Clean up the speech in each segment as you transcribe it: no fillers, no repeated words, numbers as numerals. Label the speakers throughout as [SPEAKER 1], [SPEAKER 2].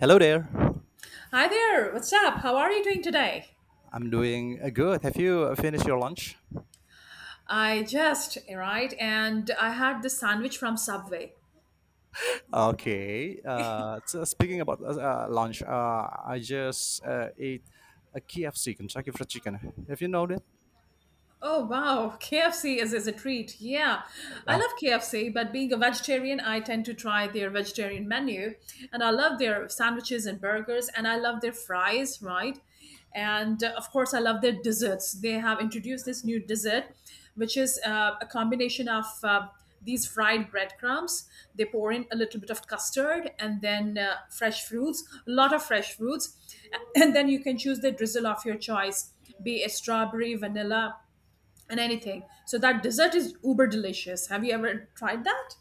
[SPEAKER 1] Hello there.
[SPEAKER 2] Hi there, what's up? How are you doing today?
[SPEAKER 1] I'm doing good. Have you finished your lunch?
[SPEAKER 2] I just, right, and I had this sandwich from Subway.
[SPEAKER 1] Okay. So speaking about lunch, I just ate a KFC, Kentucky Fried Chicken. Have you known it?
[SPEAKER 2] Oh wow, KFC is a treat. Yeah, I
[SPEAKER 1] Yeah.
[SPEAKER 2] love KFC, but being a vegetarian, I tend to try their vegetarian menu, and I love their sandwiches and burgers, and I love their fries, right? And of course, I love their desserts. They have introduced this new dessert, which is a combination of these fried breadcrumbs. They pour in a little bit of custard and then fresh fruits, a lot of fresh fruits, and then you can choose the drizzle of your choice, be it strawberry, vanilla and anything. So that dessert is uber delicious. Have you ever tried that?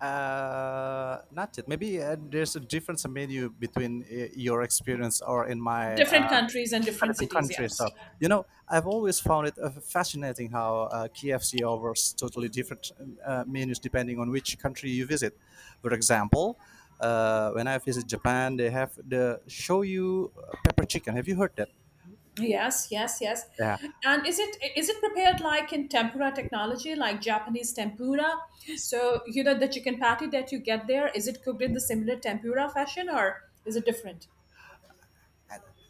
[SPEAKER 1] Not yet. Maybe there's a difference in menu between your experience or in my
[SPEAKER 2] Different countries and
[SPEAKER 1] quite
[SPEAKER 2] different
[SPEAKER 1] different
[SPEAKER 2] cities,
[SPEAKER 1] countries.
[SPEAKER 2] yes.
[SPEAKER 1] So you know, I've always found it fascinating how KFC offers totally different menus depending on which country you visit. For example, when I visit Japan, they have the shoyu pepper chicken. Have you heard that?
[SPEAKER 2] Yes, yes, yes.
[SPEAKER 1] Yeah.
[SPEAKER 2] And is it prepared like in tempura technology, like Japanese tempura? So you know the chicken patty that you get there, is it cooked in the similar tempura fashion or is it different?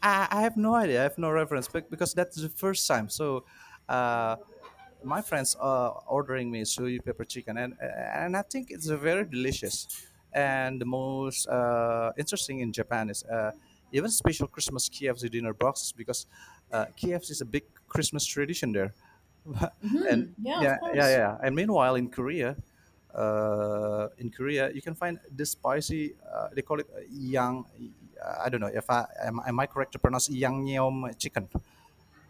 [SPEAKER 1] I have no idea. I have no reference because that's the first time. So. Uh, my friends are ordering me soy pepper chicken and I think it's very delicious and the most interesting in japan is even special christmas kfc dinner boxes because kfc is a big christmas tradition there and
[SPEAKER 2] Hmm. Yeah, of
[SPEAKER 1] yeah yeah
[SPEAKER 2] course.
[SPEAKER 1] yeah and meanwhile in Korea, you can find this spicy. They call it yang. I don't know if I am. Am I correct to pronounce yangnyeom chicken?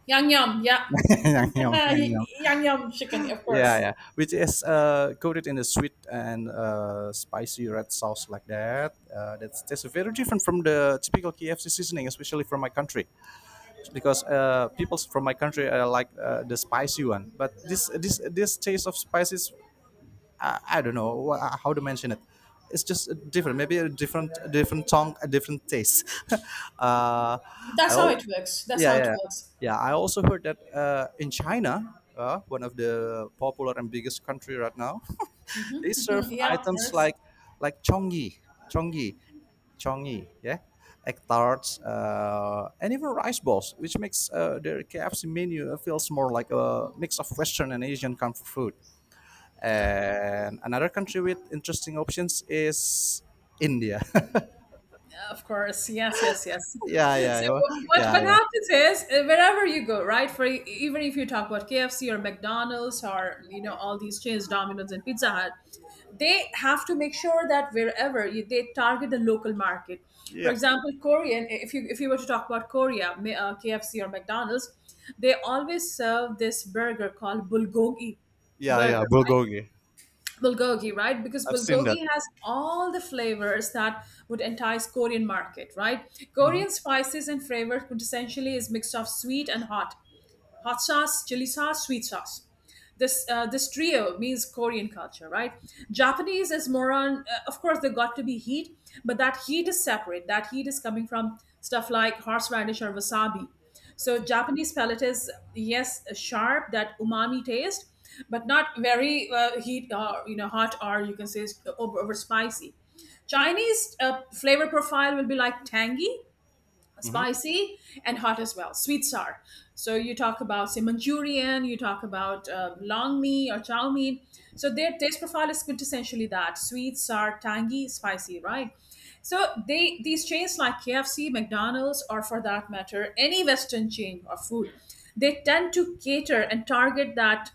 [SPEAKER 2] Yum yum, yeah.
[SPEAKER 1] yangnyeom, yangnyeom.
[SPEAKER 2] Yum yum chicken, of
[SPEAKER 1] Yeah,
[SPEAKER 2] course.
[SPEAKER 1] yeah. Which is coated in a sweet and spicy red sauce like that. That's very different from the typical KFC seasoning, especially from my country, because people from my country like the spicy one. But this taste of spices I don't know how to mention it. It's just different. Maybe a different, different tongue, a different taste. I
[SPEAKER 2] That's how
[SPEAKER 1] al-
[SPEAKER 2] it works. That's
[SPEAKER 1] yeah,
[SPEAKER 2] how it
[SPEAKER 1] yeah,
[SPEAKER 2] works.
[SPEAKER 1] yeah. I also heard that in China, one of the popular and biggest country right now,
[SPEAKER 2] Hmm.
[SPEAKER 1] they serve
[SPEAKER 2] Yeah, of
[SPEAKER 1] items
[SPEAKER 2] course.
[SPEAKER 1] like like chonggi, chonggi, chonggi, yeah, egg tarts, and even rice balls, which makes their KFC menu feels more like a mix of Western and Asian comfort food. And another country with interesting options is India.
[SPEAKER 2] Of course, yes, yes, yes.
[SPEAKER 1] yeah, yeah,
[SPEAKER 2] So
[SPEAKER 1] yeah,
[SPEAKER 2] what
[SPEAKER 1] yeah,
[SPEAKER 2] what
[SPEAKER 1] yeah,
[SPEAKER 2] happens is, wherever you go, right? For even if you talk about KFC or McDonald's, or you know all these chains, Domino's and Pizza Hut, they have to make sure that they target the local market. For
[SPEAKER 1] yeah,
[SPEAKER 2] example, Korean. If you were to talk about Korea, KFC or McDonald's, they always serve this burger called bulgogi
[SPEAKER 1] yeah, yeah.
[SPEAKER 2] burger,
[SPEAKER 1] Bulgogi.
[SPEAKER 2] bulgogi, right? Because
[SPEAKER 1] I've seen that.
[SPEAKER 2] bulgogi has all the flavors that would entice Korean market, right?
[SPEAKER 1] Hmm.
[SPEAKER 2] Korean spices and flavor quintessentially is mixed of sweet and hot, hot sauce, chili sauce, sweet sauce. This trio means Korean culture, right? Japanese is more on, of course, there got to be heat, but that heat is separate. That heat is coming from stuff like horseradish or wasabi. So Japanese palate is yes sharp, that umami taste, but not very heat, hot, or you can say it's over spicy. Chinese flavor profile will be like tangy,
[SPEAKER 1] Hmm.
[SPEAKER 2] spicy and hot as well, sweet sour. So you talk about, say, Manchurian. You talk about long mee or chow mein. So their taste profile is quintessentially that sweet sour tangy spicy, right? So they these chains like KFC, McDonald's, or for that matter any Western chain of food, they tend to cater and target that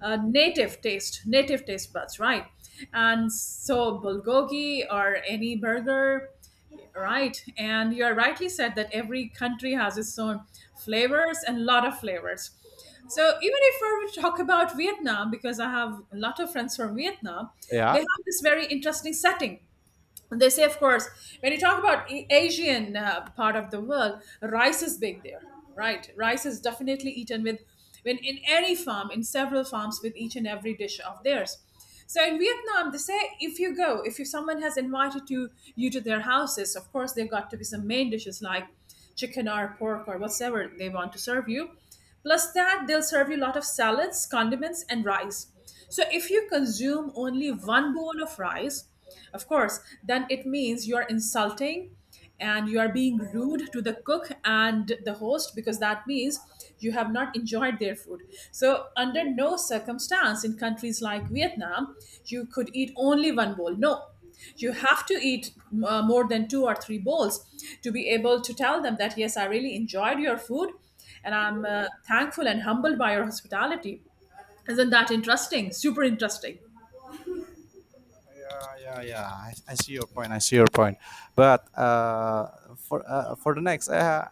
[SPEAKER 2] native taste buds, right? And so bulgogi or any burger. Right. And you are rightly said that every country has its own flavors, and a lot of flavors. So even if we were to talk about Vietnam, because I have a lot of friends from Vietnam, they
[SPEAKER 1] Yeah.
[SPEAKER 2] have this very interesting setting, and they say, of course, when you talk about Asian part of the world, rice is big there, right? Rice is definitely eaten with, when in any farm, in several farms, with each and every dish of theirs. So in Vietnam they say, if someone has invited you to their houses, of course there got to be some main dishes like chicken or pork or whatever they want to serve you. Plus that, they'll serve you a lot of salads, condiments and rice. So if you consume only one bowl of rice, of course, then it means you are insulting, and you are being rude to the cook and the host, because that means you have not enjoyed their food. So, under no circumstance in countries like Vietnam, you could eat only one bowl. No, you have to eat more than two or three bowls to be able to tell them that, yes, I really enjoyed your food and I'm thankful and humbled by your hospitality. Isn't that interesting? Super interesting.
[SPEAKER 1] Yeah, yeah, yeah. I see your point. I see your point. But for for the next,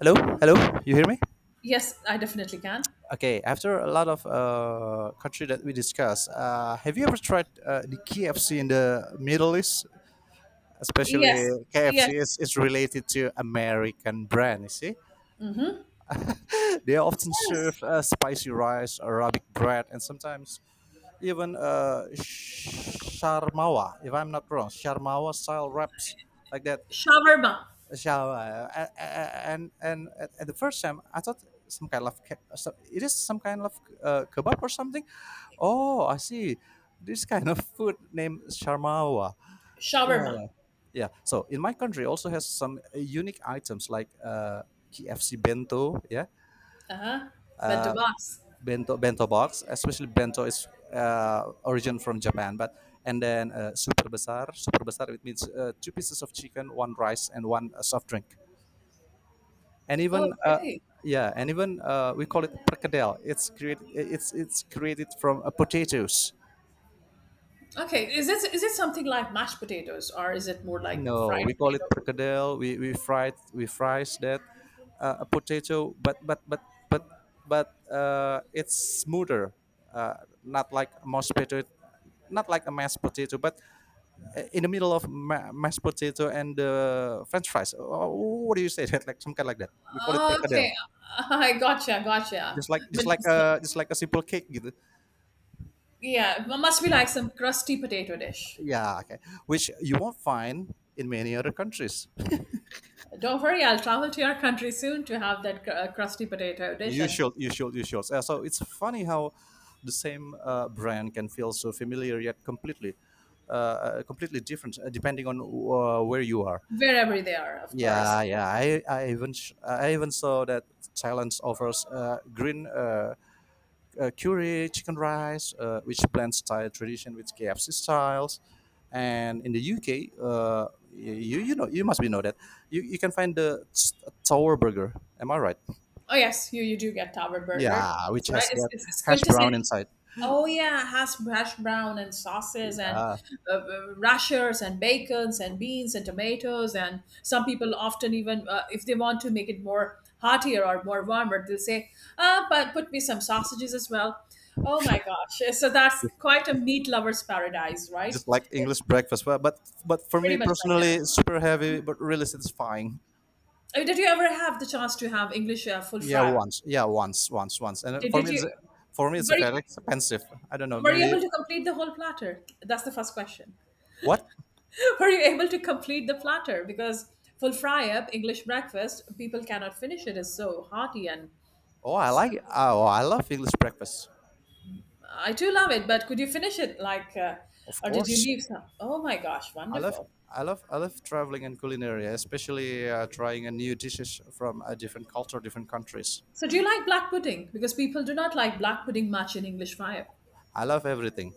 [SPEAKER 1] hello, hello. You hear me?
[SPEAKER 2] Yes, I definitely can.
[SPEAKER 1] Okay. After a lot of country that we discussed, have you ever tried the KFC in the Middle East? Especially
[SPEAKER 2] Yes. Yes.
[SPEAKER 1] KFC is related to American brand, you see.
[SPEAKER 2] Mm-hmm.
[SPEAKER 1] they often
[SPEAKER 2] Yes.
[SPEAKER 1] serve spicy rice, Arabic bread, and sometimes even sharmawa, if I'm not wrong, sharmawa style wraps like that.
[SPEAKER 2] Shawarma.
[SPEAKER 1] Shawarma. At the first time, I thought some kind of, it is some kind of kebab or something. Oh, I see. This kind of food named sharmawa.
[SPEAKER 2] Shawarma.
[SPEAKER 1] Yeah. Yeah. So in my country also has some unique items like KFC bento, yeah,
[SPEAKER 2] Uh-huh. But the
[SPEAKER 1] uh,
[SPEAKER 2] Bedabas.
[SPEAKER 1] bento box. Especially bento is origin from Japan, but and then super besar. Super besar it means two pieces of chicken, one rice, and one soft drink. And even
[SPEAKER 2] Okay.
[SPEAKER 1] yeah, and even we call it perkedel. It's created. It's created from potatoes.
[SPEAKER 2] Okay. Is it something like mashed potatoes, or is it more like
[SPEAKER 1] No,
[SPEAKER 2] fried
[SPEAKER 1] we call it
[SPEAKER 2] potato?
[SPEAKER 1] perkedel. We fries that a potato, but but it's smoother, not like mashed potato, not like a mashed potato, but in the middle of mashed potato and the French fries. Oh, what do you say that like some kind like that? We call it perkedel.
[SPEAKER 2] Okay. I gotcha, gotcha.
[SPEAKER 1] Just like
[SPEAKER 2] But
[SPEAKER 1] just like a just like a simple cake, gitu.
[SPEAKER 2] yeah, it must be like some crusty potato dish.
[SPEAKER 1] Yeah, okay. Which you won't find in many other countries.
[SPEAKER 2] Don't worry, I'll travel to your country soon to have that crusty potato dish
[SPEAKER 1] You
[SPEAKER 2] and
[SPEAKER 1] should,
[SPEAKER 2] cook
[SPEAKER 1] you should, you should. So it's funny how the same brand can feel so familiar yet completely different depending on where you are.
[SPEAKER 2] wherever they are, of course.
[SPEAKER 1] Yeah, yeah. I even saw that Thailand offers uh, green curry chicken rice, which blends Thai tradition with KFC styles. And in the UK, you know you must be know that you can find Tower Burger. Am I right?
[SPEAKER 2] Oh yes, you do get Tower Burger.
[SPEAKER 1] Yeah, which
[SPEAKER 2] It's right.
[SPEAKER 1] has
[SPEAKER 2] It's,
[SPEAKER 1] that
[SPEAKER 2] it's, it's
[SPEAKER 1] hash brown
[SPEAKER 2] quintessential.
[SPEAKER 1] inside,
[SPEAKER 2] Oh yeah, has hash brown and sauces and
[SPEAKER 1] uh,
[SPEAKER 2] rashers and bacons and beans and tomatoes, and some people often even, if they want to make it more heartier or more warmer, they'll say, "Ah, but put me some sausages as well." Oh my gosh! So that's quite a meat lover's paradise, right?
[SPEAKER 1] just like English breakfast. But for
[SPEAKER 2] Pretty
[SPEAKER 1] me
[SPEAKER 2] much like
[SPEAKER 1] personally,
[SPEAKER 2] that.
[SPEAKER 1] it's super heavy, but really satisfying.
[SPEAKER 2] I mean, did you ever have the chance to have English full
[SPEAKER 1] Yeah,
[SPEAKER 2] fry?
[SPEAKER 1] once. Yeah, once, once, once. And
[SPEAKER 2] Did you
[SPEAKER 1] for me, it's
[SPEAKER 2] were
[SPEAKER 1] very
[SPEAKER 2] you
[SPEAKER 1] expensive. I don't know.
[SPEAKER 2] were you
[SPEAKER 1] Maybe
[SPEAKER 2] able to complete the whole platter? That's the first question.
[SPEAKER 1] what?
[SPEAKER 2] Were you able to complete the platter? Because full fry up English breakfast, people cannot finish it. It's so hearty, and
[SPEAKER 1] Oh, I like. Oh, I love English breakfast.
[SPEAKER 2] I do love it. But could you finish it like,
[SPEAKER 1] Of
[SPEAKER 2] or did you
[SPEAKER 1] course,
[SPEAKER 2] leave some? Oh my gosh,
[SPEAKER 1] I love.
[SPEAKER 2] wonderful!
[SPEAKER 1] I love. I love traveling and culinary, especially trying a new dishes from a different culture, different countries.
[SPEAKER 2] So do you like black pudding? Because people do not like black pudding much in English fry up.
[SPEAKER 1] I love everything.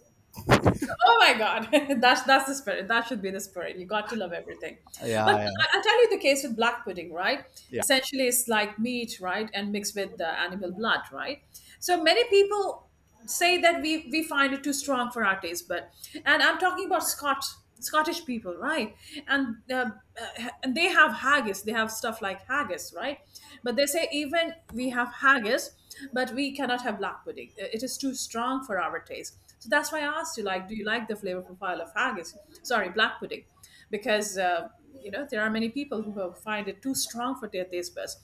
[SPEAKER 2] Oh my God, that's the spirit. That should be the spirit. You got to love everything. But
[SPEAKER 1] Yeah,
[SPEAKER 2] I,
[SPEAKER 1] yeah,
[SPEAKER 2] I'll tell you the case with black pudding, right?
[SPEAKER 1] yeah.
[SPEAKER 2] Essentially, it's like meat, right, and mixed with the animal blood, right? So many people say that we find it too strong for our taste bud, and I'm talking about Scotch Scottish people, right? And uh, and they have haggis, they have stuff like haggis, right? But they say, even we have haggis, but we cannot have black pudding. It is too strong for our taste. So that's why I asked you, like, do you like the flavor profile of haggis? Sorry, black pudding, because you know there are many people who find it too strong for their taste buds.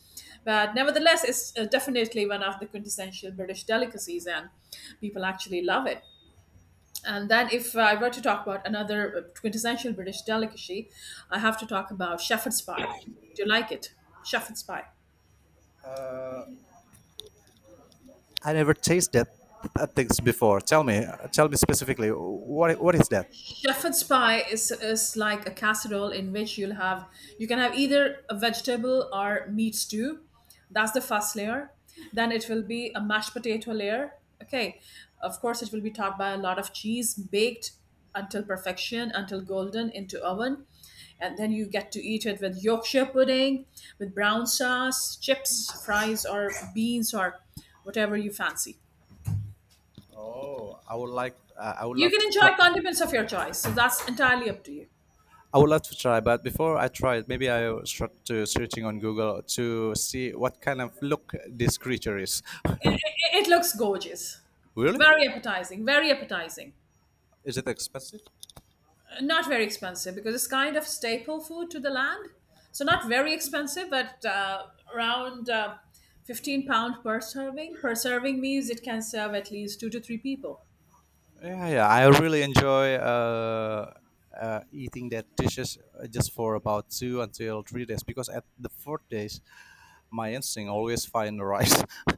[SPEAKER 2] But nevertheless, it's definitely one of the quintessential British delicacies, and people actually love it. And then, if I were to talk about another quintessential British delicacy, I have to talk about shepherd's pie. Do you like it? Shepherd's pie.
[SPEAKER 1] I never tasted that things before. Tell me specifically what is that?
[SPEAKER 2] Shepherd's pie is like a casserole in which you can have either a vegetable or meat stew. That's the first layer. Then it will be a mashed potato layer. Okay. Of course, it will be topped by a lot of cheese, baked until perfection, until golden, into oven. And then you get to eat it with Yorkshire pudding, with brown sauce, chips, fries, or beans, or whatever you fancy.
[SPEAKER 1] Oh, I would like, I would
[SPEAKER 2] You
[SPEAKER 1] love
[SPEAKER 2] can
[SPEAKER 1] to. Try.
[SPEAKER 2] enjoy condiments of your choice. So that's entirely up to you.
[SPEAKER 1] I would love to try, but before I try it, maybe I will start to searching on Google to see what kind of look this creature is.
[SPEAKER 2] It, it looks gorgeous.
[SPEAKER 1] really?
[SPEAKER 2] Very appetizing, very appetizing.
[SPEAKER 1] Is it expensive?
[SPEAKER 2] Not very expensive because it's kind of staple food to the land. So not very expensive, but around £15 per serving. Per serving means it can serve at least two to three people.
[SPEAKER 1] Yeah, yeah. I really enjoy eating that dishes just for about two until 3 days because at the fourth days, my instinct always find the rice,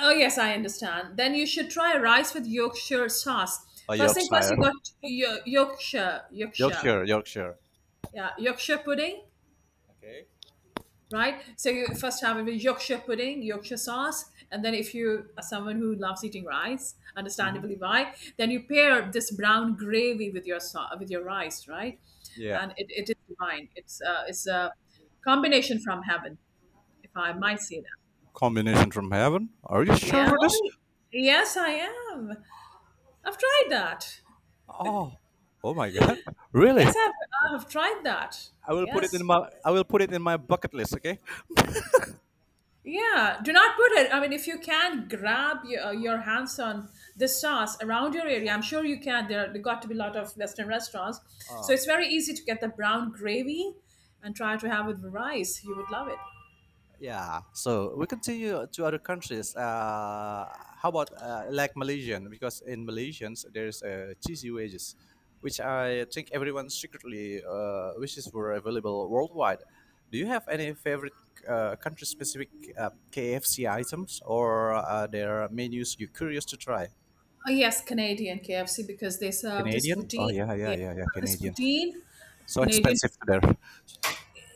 [SPEAKER 2] Oh yes, I understand. Then you should try rice with Yorkshire sauce.
[SPEAKER 1] a
[SPEAKER 2] First thing first,
[SPEAKER 1] Yorkshire,
[SPEAKER 2] you got Yorkshire,
[SPEAKER 1] Yorkshire, Yorkshire.
[SPEAKER 2] yeah, Yorkshire pudding.
[SPEAKER 1] Okay.
[SPEAKER 2] Right? So you first have a Yorkshire pudding, Yorkshire sauce, and then if you are someone who loves eating rice,
[SPEAKER 1] Hmm.
[SPEAKER 2] understandably why, then you pair this brown gravy with your with your rice, right?
[SPEAKER 1] Yeah.
[SPEAKER 2] And it is divine. It's a combination from heaven, if I might say that.
[SPEAKER 1] Combination from heaven. Are you sure
[SPEAKER 2] Yeah,
[SPEAKER 1] for this?
[SPEAKER 2] oh, yes, I am. I've tried that.
[SPEAKER 1] Oh, oh my God! really?
[SPEAKER 2] Yes, I've tried that. Yes.
[SPEAKER 1] I will put it in my bucket list. Okay.
[SPEAKER 2] Yeah, do not put it. I mean, if you can grab your hands on the sauce around your area, I'm sure you can. There got to be a lot of Western restaurants. So
[SPEAKER 1] Ah.
[SPEAKER 2] it's very easy to get the brown gravy and try to have it with rice. You would love it.
[SPEAKER 1] Yeah, so we continue to other countries. How about like Malaysian? Because in Malaysians, there's cheesy wedges, which I think everyone secretly wishes were available worldwide. Do you have any favorite country-specific KFC items, or are there menus you're curious to try?
[SPEAKER 2] Oh, yes, Canadian KFC, because they serve this
[SPEAKER 1] Canadian? Oh
[SPEAKER 2] poutine.
[SPEAKER 1] yeah, yeah,
[SPEAKER 2] Yeah,
[SPEAKER 1] yeah, yeah,
[SPEAKER 2] this
[SPEAKER 1] Canadian.
[SPEAKER 2] poutine,
[SPEAKER 1] So
[SPEAKER 2] Canadian.
[SPEAKER 1] expensive there.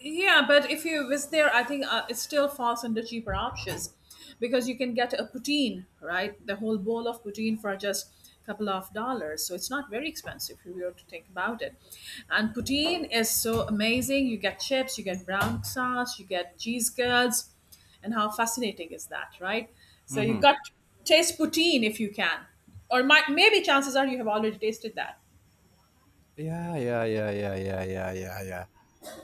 [SPEAKER 2] Yeah, but if you was there, I think it still falls under cheaper options, because you can get a poutine, right? The whole bowl of poutine for just a couple of dollars. So it's not very expensive if you were to think about it. And poutine is so amazing. You get chips, you get brown sauce, you get cheese curds. And how fascinating is that, right? So you've
[SPEAKER 1] Mhm.
[SPEAKER 2] got to taste poutine if you can. Or maybe chances are you have already tasted that.
[SPEAKER 1] Yeah, yeah, yeah, yeah, yeah, yeah, yeah, yeah.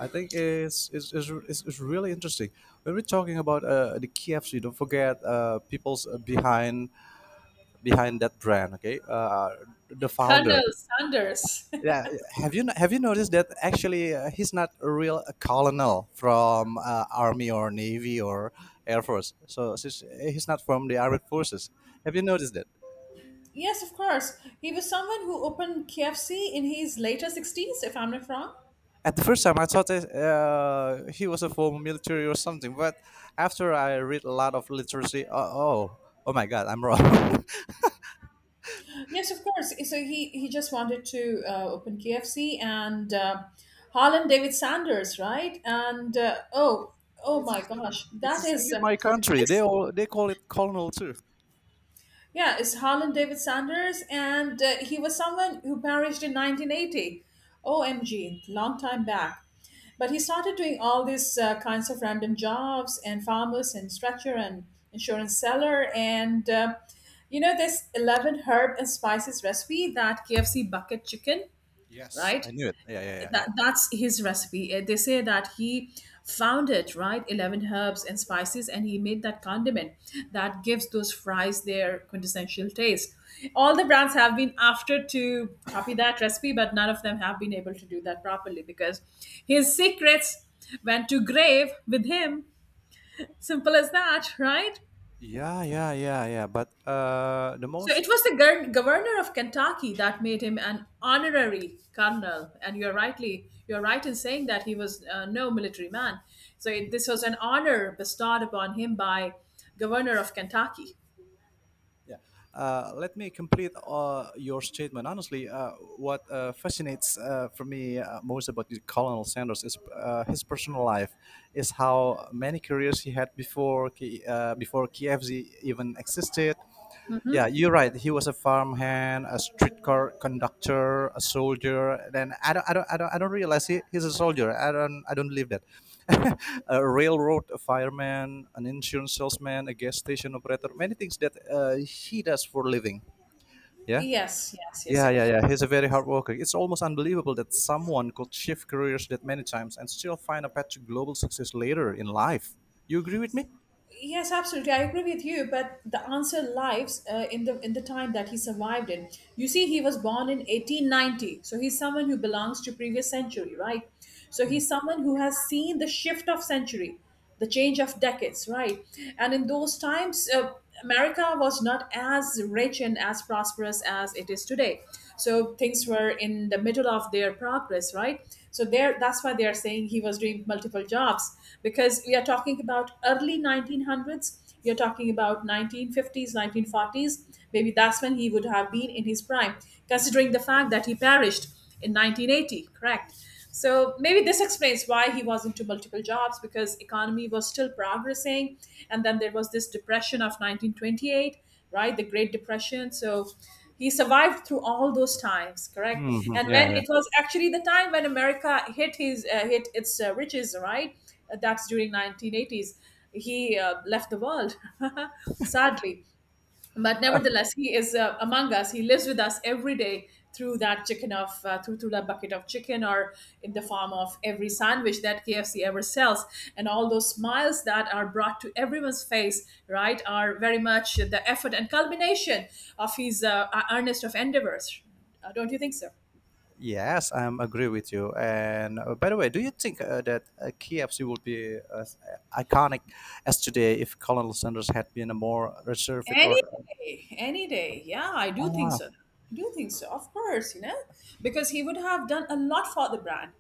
[SPEAKER 1] I think it's really interesting. When we're talking about the KFC, don't forget people's behind that brand. Okay, the founder.
[SPEAKER 2] Colonel Sanders.
[SPEAKER 1] Yeah, have you no- have you noticed that actually he's not a real colonel from army or navy or air force. So since he's not from the armed forces. Have you noticed that?
[SPEAKER 2] Yes, of course. He was someone who opened KFC in his later 60s, if I'm not wrong.
[SPEAKER 1] At the first time, I thought that, he was a former military or something, but after I read a lot of literacy, oh, oh, oh my God, I'm wrong.
[SPEAKER 2] Yes, of course. So he just wanted to open KFC, and Harlan David Sanders, right? And uh, oh,
[SPEAKER 1] it's
[SPEAKER 2] oh
[SPEAKER 1] the
[SPEAKER 2] my
[SPEAKER 1] same.
[SPEAKER 2] gosh,
[SPEAKER 1] It's
[SPEAKER 2] that
[SPEAKER 1] the same
[SPEAKER 2] is
[SPEAKER 1] in my country.
[SPEAKER 2] this
[SPEAKER 1] They call it colonel too.
[SPEAKER 2] yeah, it's Harlan David Sanders, and he was someone who perished in 1980. OMG, long time back. But he started doing all these kinds of random jobs and farmers and stretcher and insurance seller. And, you know, this 11 herb and spices recipe that KFC bucket chicken,
[SPEAKER 1] Yes, I
[SPEAKER 2] right?
[SPEAKER 1] knew it. Yeah, yeah, yeah,
[SPEAKER 2] that
[SPEAKER 1] yeah.
[SPEAKER 2] that's his recipe. They say that he found it right, 11 herbs and spices, and he made that condiment that gives those fries their quintessential taste. All the brands have been after to copy that recipe, but none of them have been able to do that properly because his secrets went to grave with him. Simple as that, right?
[SPEAKER 1] Yeah, yeah, yeah, yeah. But the
[SPEAKER 2] So
[SPEAKER 1] most
[SPEAKER 2] it was the governor of Kentucky that made him an honorary colonel, and you're right in saying that he was no military man. So this was an honor bestowed upon him by governor of Kentucky.
[SPEAKER 1] Yeah. Let me complete your statement. Honestly, what fascinates for me most about the Colonel Sanders is his personal life, is how many careers he had before KFZ even existed, yeah, you're right. He was a farmhand, a streetcar conductor, a soldier. Then I don't realize he's a soldier. I don't believe that. a railroad fireman, an insurance salesman, a gas station operator, many things that he does for a living. Yeah.
[SPEAKER 2] Yes, yes, yes,
[SPEAKER 1] Yeah, yeah,
[SPEAKER 2] yes.
[SPEAKER 1] yeah. He's a very hard worker. It's almost unbelievable that someone could shift careers that many times and still find a path to global success later in life. You agree with me?
[SPEAKER 2] Yes, absolutely. I agree with you, but the answer lies in the time that he survived in. You see, he was born in 1890, so he's someone who belongs to previous century, right? So he's someone who has seen the shift of century, the change of decades, right? And in those times, America was not as rich and as prosperous as it is today, so things were in the middle of their progress, right? So there that's why they are saying he was doing multiple jobs because we are talking about early 1900s. You're talking about 1950s, 1940s. Maybe that's when he would have been in his prime, considering the fact that he perished in 1980, correct? So maybe this explains why he was into multiple jobs because economy was still progressing, and then there was this depression of 1928, right? The Great Depression. So he survived through all those times, correct?
[SPEAKER 1] Hmm.
[SPEAKER 2] And
[SPEAKER 1] Yeah,
[SPEAKER 2] when
[SPEAKER 1] yeah.
[SPEAKER 2] it was actually the time when America hit its riches, right? That's during 1980s. He left the world, sadly, but nevertheless he is among us. He lives with us every day through that chicken of through through that bucket of chicken, or in the form of every sandwich that KFC ever sells, and all those smiles that are brought to everyone's face, right, are very much the effort and culmination of his earnest of endeavors. Don't you think so?
[SPEAKER 1] Yes, I am agree with you. And by the way, do you think that KFC would be as iconic as today if Colonel Sanders had been a more reserved
[SPEAKER 2] Any
[SPEAKER 1] or?
[SPEAKER 2] day, any day. Yeah, I do
[SPEAKER 1] Oh,
[SPEAKER 2] think
[SPEAKER 1] wow.
[SPEAKER 2] so. I do think so. Of course, because he would have done a lot for the brand.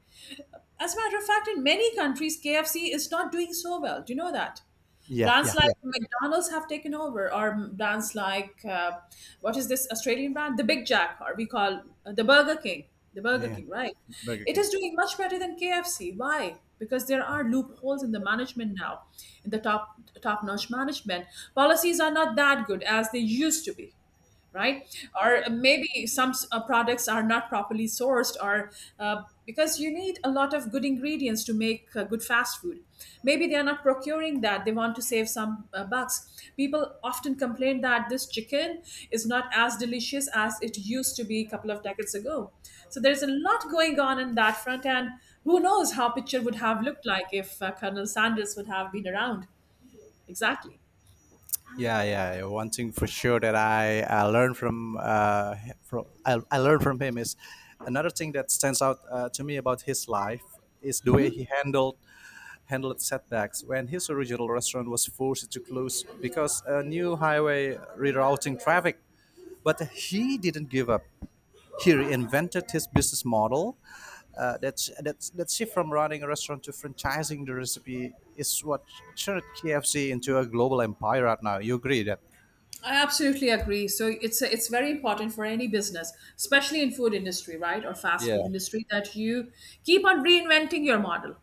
[SPEAKER 2] As a matter of fact, in many countries, KFC is not doing so well. Do you know that?
[SPEAKER 1] Yeah,
[SPEAKER 2] Brands
[SPEAKER 1] yeah,
[SPEAKER 2] like
[SPEAKER 1] yeah,
[SPEAKER 2] McDonald's have taken over, or brands like what is this Australian brand? The Big Jack, or we call the Burger King. The Burger
[SPEAKER 1] yeah.
[SPEAKER 2] King, right?
[SPEAKER 1] Burger
[SPEAKER 2] It
[SPEAKER 1] King.
[SPEAKER 2] is doing much better than KFC. Why? Because there are loopholes in the management now, in the top notch management. Policies are not that good as they used to be, right? Or maybe some products are not properly sourced, or because you need a lot of good ingredients to make good fast food. Maybe they are not procuring that. They want to save some bucks. People often complain that this chicken is not as delicious as it used to be a couple of decades ago. So there's a lot going on in that front, and who knows how picture would have looked like if Colonel Sanders would have been around. Exactly.
[SPEAKER 1] Yeah, yeah. Yeah. One thing for sure that I learned from him is another thing that stands out to me about his life is the way he handled setbacks when his original restaurant was forced to close because a new highway rerouting traffic. But he didn't give up. He reinvented his business model. That shift from running a restaurant to franchising the recipe is what turned KFC into a global empire right now. You agree that?
[SPEAKER 2] I absolutely agree. So it's very important for any business, especially in food industry, right, or fast
[SPEAKER 1] Yeah.
[SPEAKER 2] food industry, that you keep on reinventing your model.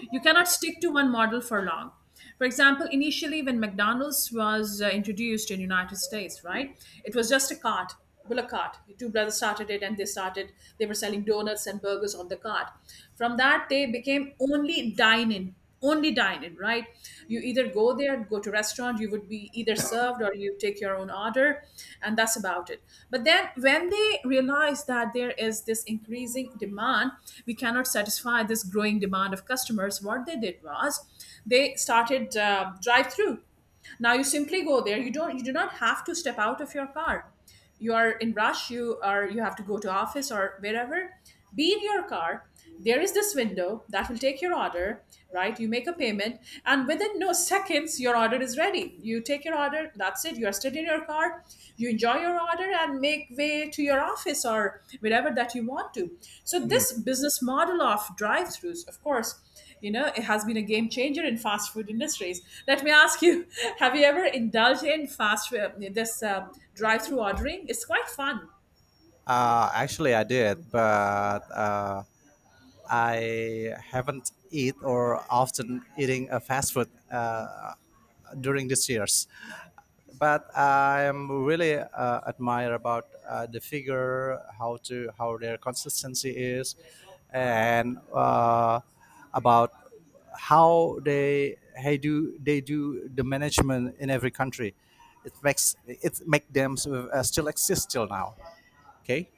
[SPEAKER 2] You cannot stick to one model for long. For example, initially when McDonald's was introduced in United States, right, it was just a cart Bullock cart. The two brothers started it, and they were selling donuts and burgers on the cart. From that, they became only dine in, right? You either go there, go to restaurant, you would be either served or you take your own order, and that's about it. But then when they realized that there is this increasing demand, we cannot satisfy this growing demand of customers, what they did was they started drive through. Now you simply go there. You do not have to step out of your car. You are in rush. You have to go to office or wherever. Be in your car. There is this window that will take your order, right? You make a payment, and within no seconds your order is ready. You take your order. That's it. You are still in your car. You enjoy your order and make way to your office or wherever that you want to. So this business model of drive-throughs, of course, it has been a game changer in fast food industries. Let me ask you, have you ever indulged in fast food, this drive through ordering? It's quite fun.
[SPEAKER 1] Actually, I did, but I haven't eat or often eating a fast food during these years. But I am really admire about the figure, how to how their consistency is, and about how they do the management in every country. It make them sort of, still exist till now. Okay.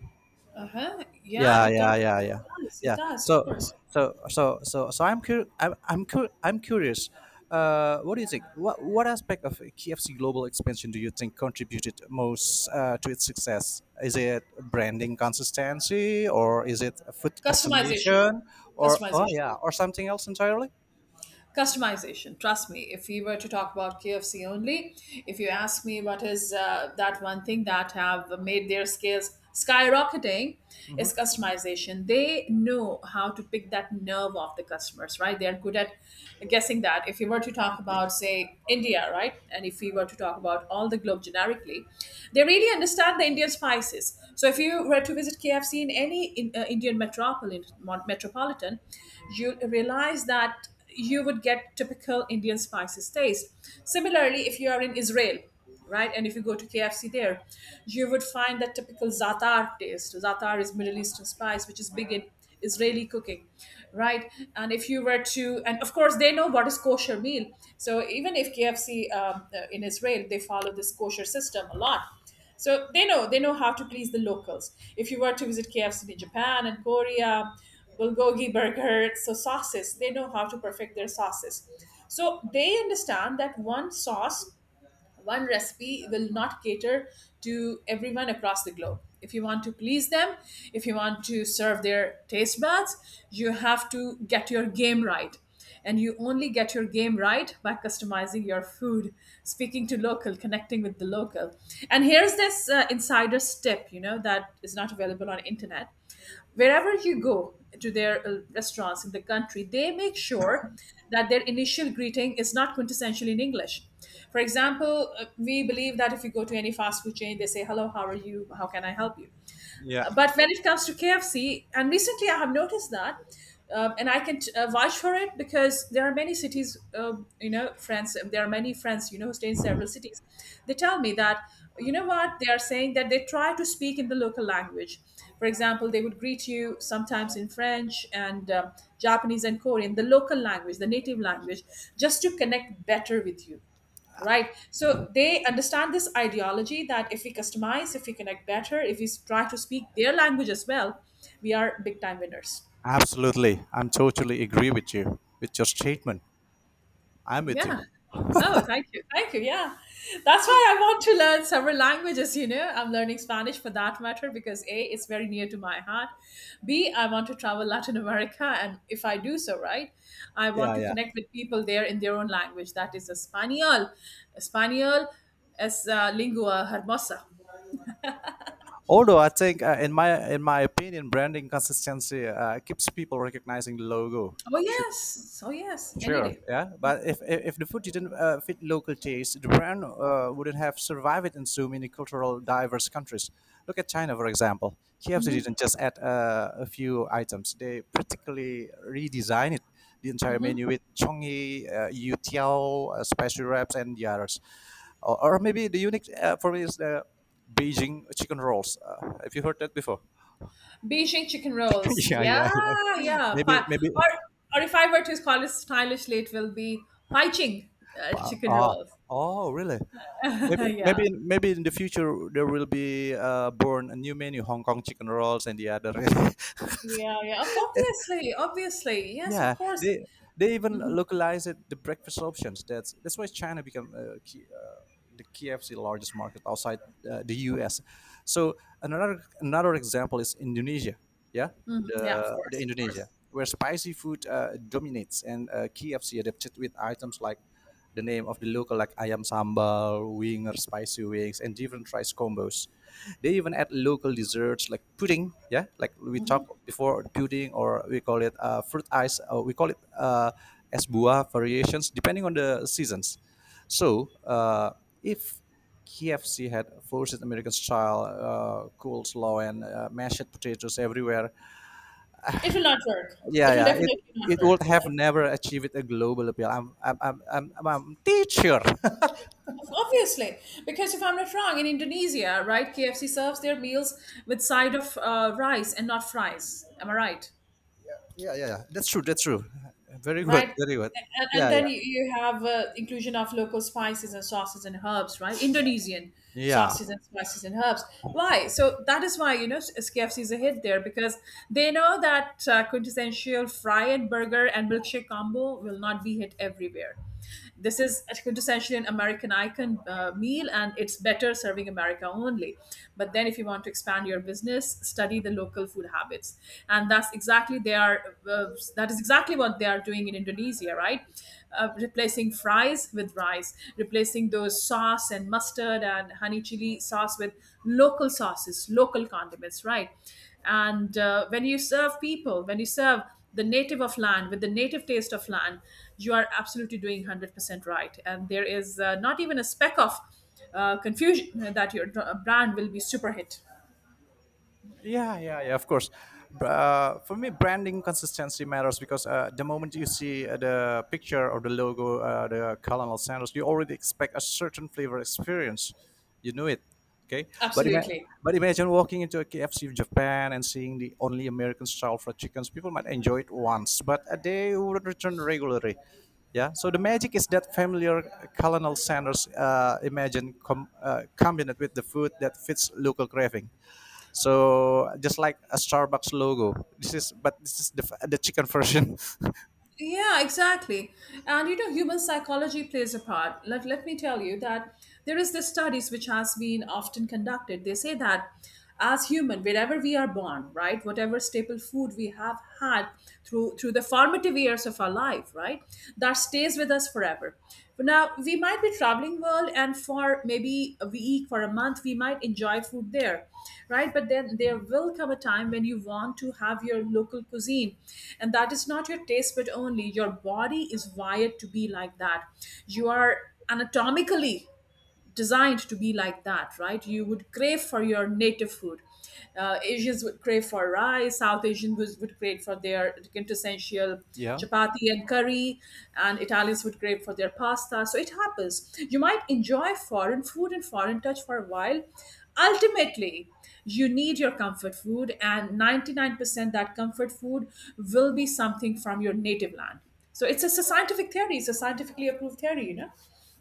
[SPEAKER 2] Uh-huh, yeah,
[SPEAKER 1] Yeah
[SPEAKER 2] it does,
[SPEAKER 1] yeah yeah yeah
[SPEAKER 2] it does, it
[SPEAKER 1] yeah.
[SPEAKER 2] does, of
[SPEAKER 1] So
[SPEAKER 2] course.
[SPEAKER 1] so so so so I'm, cur- I'm curious what do you think? What aspect of KFC global expansion do you think contributed most to its success? Is it branding consistency, or is it food
[SPEAKER 2] Customization,
[SPEAKER 1] customization, or oh
[SPEAKER 2] customization,
[SPEAKER 1] yeah, or something else entirely?
[SPEAKER 2] customization. Trust me, if we were to talk about KFC only, if you ask me what is that one thing that have made their scales skyrocketing, is
[SPEAKER 1] Hmm.
[SPEAKER 2] customization. They know how to pick that nerve of the customers, right? They're good at guessing that. If you were to talk about, say, India, right, and if we were to talk about all the globe generically, they really understand the Indian spices. So if you were to visit KFC in any Indian metropolitan, you'll realize that you would get typical Indian spices taste. Similarly, if you are in Israel, right, and if you go to KFC there, you would find that typical za'atar taste. Za'atar is Middle Eastern spice, which is big in Israeli cooking, right? And if you were to, and of course they know what is kosher meal. So even if KFC in Israel, they follow this kosher system a lot, so they know how to please the locals. If you were to visit KFC in Japan and Korea, bulgogi burger, so sauces, they know how to perfect their sauces. So they understand that one sauce, one recipe will not cater to everyone across the globe. If you want to please them, if you want to serve their taste buds, you have to get your game right. And you only get your game right by customizing your food, speaking to local, connecting with the local. And here's this insider's tip, that is not available on internet. Wherever you go to their restaurants in the country, they make sure that their initial greeting is not quintessential in English. For example, we believe that if you go to any fast food chain, they say, "Hello, how are you? How can I help you?"
[SPEAKER 1] Yeah,
[SPEAKER 2] But when it comes to KFC, and recently I have noticed that, and I can vouch for it because there are many cities, friends, there are many friends, you know, who stay in several cities. They tell me that, you know what, they are saying that they try to speak in the local language. For example, they would greet you sometimes in French and Japanese and Korean, the local language, the native language, just to connect better with you. Right, so they understand this ideology that if we customize, if we connect better, if we try to speak their language as well, we are big time winners.
[SPEAKER 1] absolutely. I'm totally agree with you with your statement. I'm with
[SPEAKER 2] Yeah.
[SPEAKER 1] you.
[SPEAKER 2] Oh, thank you, thank you, yeah. That's why I want to learn several languages. You know, I'm learning Spanish for that matter because a, it's very near to my heart. B, I want to travel Latin America. And if I do so, right, I want
[SPEAKER 1] Yeah,
[SPEAKER 2] to
[SPEAKER 1] yeah.
[SPEAKER 2] connect with people there in their own language, that is Espanol. Espanol. Es lingua hermosa.
[SPEAKER 1] Although I think, in my opinion, branding consistency keeps people recognizing the logo.
[SPEAKER 2] Oh
[SPEAKER 1] Sure,
[SPEAKER 2] yes, oh yes, any
[SPEAKER 1] sure,
[SPEAKER 2] day.
[SPEAKER 1] yeah. But if the food didn't fit local taste, the brand wouldn't have survived in so many cultural diverse countries. Look at China, for example. KFC
[SPEAKER 2] Hmm.
[SPEAKER 1] didn't just add a few items; they practically redesigned it, the entire
[SPEAKER 2] Hmm.
[SPEAKER 1] menu with chongyi, youtiao, spicy wraps, and the others. Or maybe the unique for me is the Beijing chicken rolls. Have you heard that before?
[SPEAKER 2] Beijing chicken rolls.
[SPEAKER 1] Yeah,
[SPEAKER 2] Yeah,
[SPEAKER 1] yeah, yeah.
[SPEAKER 2] yeah.
[SPEAKER 1] Maybe,
[SPEAKER 2] Pie.
[SPEAKER 1] maybe.
[SPEAKER 2] Or, or, if I were to call it stylishly, it will be Paiching chicken
[SPEAKER 1] Oh,
[SPEAKER 2] rolls.
[SPEAKER 1] oh, really? Maybe,
[SPEAKER 2] Yeah,
[SPEAKER 1] maybe, maybe in the future there will be born a new menu: Hong Kong chicken rolls and the other.
[SPEAKER 2] yeah, yeah. Obviously, obviously, yes, of
[SPEAKER 1] Yeah,
[SPEAKER 2] course.
[SPEAKER 1] they even
[SPEAKER 2] Hmm.
[SPEAKER 1] localize it the breakfast options. That's why China become the KFC largest market outside the US. So another example is Indonesia. Yeah,
[SPEAKER 2] Hmm.
[SPEAKER 1] the
[SPEAKER 2] Yeah, of
[SPEAKER 1] the
[SPEAKER 2] course, of course.
[SPEAKER 1] Indonesia where spicy food dominates and KFC adapted with items like the name of the local like ayam sambal, winger, spicy wings, and different rice combos. They even add local desserts like pudding, yeah, like we talked before pudding, or we call it fruit ice, or we call it es buah variations depending on the seasons. So if KFC had forced American style coleslaw and mashed potatoes everywhere.
[SPEAKER 2] It will not work. It
[SPEAKER 1] Yeah,
[SPEAKER 2] will
[SPEAKER 1] yeah.
[SPEAKER 2] definitely not
[SPEAKER 1] It
[SPEAKER 2] work,
[SPEAKER 1] would have
[SPEAKER 2] right?
[SPEAKER 1] never achieved a global appeal. I'm teacher.
[SPEAKER 2] Obviously, because if I'm not wrong, in Indonesia, right, KFC serves their meals with side of rice and not fries. Am I right?
[SPEAKER 1] Yeah, yeah, yeah. That's true. That's true. Very good.
[SPEAKER 2] Right?
[SPEAKER 1] Very good.
[SPEAKER 2] And
[SPEAKER 1] Yeah,
[SPEAKER 2] then
[SPEAKER 1] yeah,
[SPEAKER 2] you have inclusion of local spices and sauces and herbs, right? Indonesian
[SPEAKER 1] yeah.
[SPEAKER 2] sauces and spices and herbs. Why? So that is why KFC is a hit there because they know that quintessential fry and burger and milkshake combo will not be hit everywhere. This is essentially an American icon meal, and it's better serving America only. But then, if you want to expand your business, study the local food habits, and that's exactly they are. That is exactly what they are doing in Indonesia, right? Replacing fries with rice, replacing those sauce and mustard and honey chili sauce with local sauces, local condiments, right? And when you serve people, when you serve the native of land with the native taste of land, you are absolutely doing 100% right. And there is not even a speck of confusion that your brand will be super hit.
[SPEAKER 1] Yeah, yeah, yeah. Of course, for me, branding consistency matters because the moment you see the picture or the logo, the Colonel Sanders, you already expect a certain flavor experience. You know it, okay? But ima-
[SPEAKER 2] Absolutely.
[SPEAKER 1] but imagine walking into a KFC in Japan and seeing the only American style fried chickens. People might enjoy it once, but they would return regularly. Yeah. So the magic is that familiar Colonel Sanders combined with the food that fits local craving. So just like a Starbucks logo. This is but this is the chicken version.
[SPEAKER 2] Yeah, exactly. And you know, human psychology plays a part. Let me tell you that there is this studies which has been often conducted. They say that as human, wherever we are born, right, whatever staple food we have had through the formative years of our life, right, that stays with us forever. For now, we might be traveling world, and for maybe a week, for a month, we might enjoy food there, right? But then there will come a time when you want to have your local cuisine, and that is not your taste but only. Your body is wired to be like that. You are anatomically designed to be like that, right? You would crave for your native food. Asians would crave for rice, South Asians would crave for their quintessential
[SPEAKER 1] Yeah.
[SPEAKER 2] chapati and curry, and Italians would crave for their pasta. So it happens. You might enjoy foreign food and foreign touch for a while. Ultimately, you need your comfort food, and 99% that comfort food will be something from your native land. So it's a scientific theory, it's a scientifically approved theory, you know?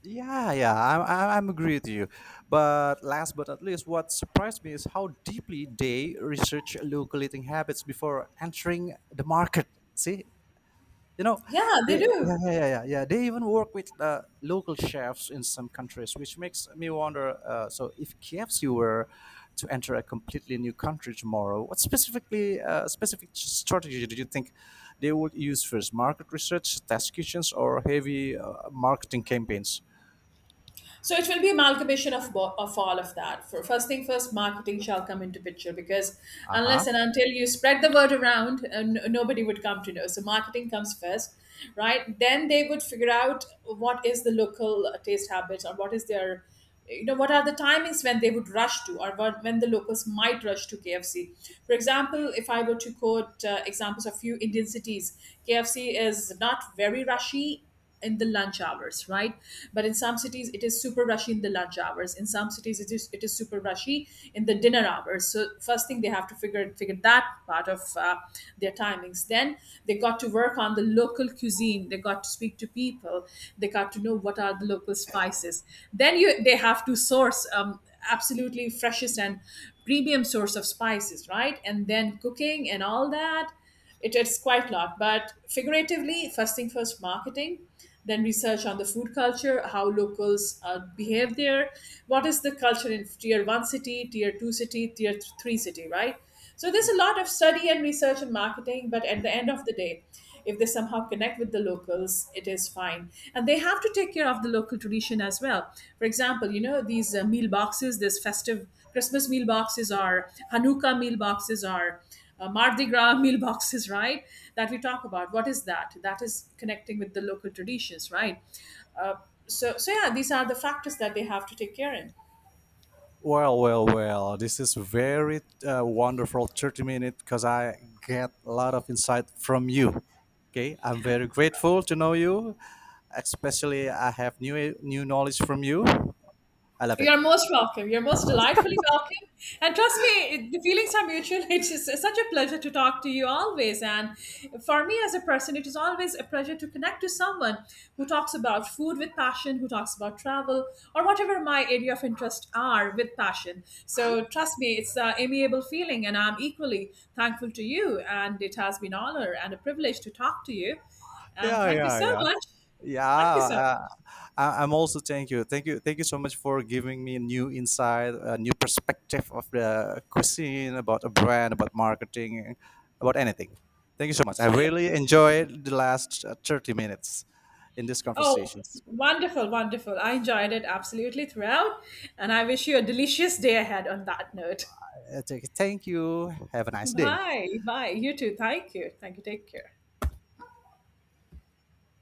[SPEAKER 1] Yeah, yeah, I'm agree with you. But last but not least, what surprised me is how deeply they research local eating habits before entering the market. See, you know,
[SPEAKER 2] Yeah,
[SPEAKER 1] they,
[SPEAKER 2] they
[SPEAKER 1] yeah,
[SPEAKER 2] do.
[SPEAKER 1] yeah, yeah, yeah, yeah. They even work with local chefs in some countries, which makes me wonder. So, if KFC were to enter a completely new country tomorrow, what specific strategy do you think they would use first? Market research, test kitchens, or heavy marketing campaigns?
[SPEAKER 2] So it will be amalgamation of, of all of that. For first thing first, marketing shall come into picture because
[SPEAKER 1] Uh huh.
[SPEAKER 2] unless and until you spread the word around, nobody would come to know. So marketing comes first, right? Then they would figure out what is the local taste habits or what is their, you know, what are the timings when they would rush to or what, when the locals might rush to KFC. For example, if I were to quote examples of few Indian cities, KFC is not very rushy in the lunch hours, right? But in some cities it is super rushy in the lunch hours, in some cities it is super rushy in the dinner hours. So first thing they have to figure that part of their timings, then they got to work on the local cuisine, they got to speak to people, they got to know what are the local spices, then you they have to source absolutely freshest and premium source of spices, right? And then cooking and all that, it's quite a lot. But figuratively, first thing first, marketing, then research on the food culture, how locals behave there, what is the culture in tier one city, tier two city, tier three city, right? So there's
[SPEAKER 1] Yeah.
[SPEAKER 2] a lot of study and research and marketing, but at the end of the day, if they somehow connect with the locals, it is fine. And they have to take care of the local tradition as well. For example, you know, these meal boxes, this festive Christmas meal boxes are, Hanukkah meal boxes are, Mardi Gras meal boxes, right? That we talk about. What is that? That is connecting with the local traditions, right? Uh, so yeah, these are the factors that they have to take care in.
[SPEAKER 1] Well, well, well. This is very wonderful 30 minutes because I get a lot of insight from you. Okay, I'm very grateful to know you. Especially, I have new knowledge from you. I love it.
[SPEAKER 2] You're most welcome. You're most delightfully welcome. And trust me, the feelings are mutual. It's just such a pleasure to talk to you always. And for me as a person, it is always a pleasure to connect to someone who talks about food with passion, who talks about travel, or whatever my area of interest are with passion. So trust me, it's an amiable feeling. And I'm equally thankful to you. And it has been an honor and a privilege to talk to you. And
[SPEAKER 1] Yeah,
[SPEAKER 2] thank you
[SPEAKER 1] yeah,
[SPEAKER 2] so
[SPEAKER 1] yeah.
[SPEAKER 2] much.
[SPEAKER 1] Yeah,
[SPEAKER 2] Thank you so much.
[SPEAKER 1] uh, I'm also thank you, thank you, thank you so much for giving me new insight, a new perspective of the cuisine, about a brand, about marketing, about anything. Thank you so much. I really enjoyed the last 30 minutes in these
[SPEAKER 2] Oh,
[SPEAKER 1] conversations.
[SPEAKER 2] wonderful, wonderful. I enjoyed it absolutely throughout. And I wish you a delicious day ahead on that note.
[SPEAKER 1] Thank you. Have a nice day.
[SPEAKER 2] Bye. Bye. You too. Thank you. Thank you. Take care.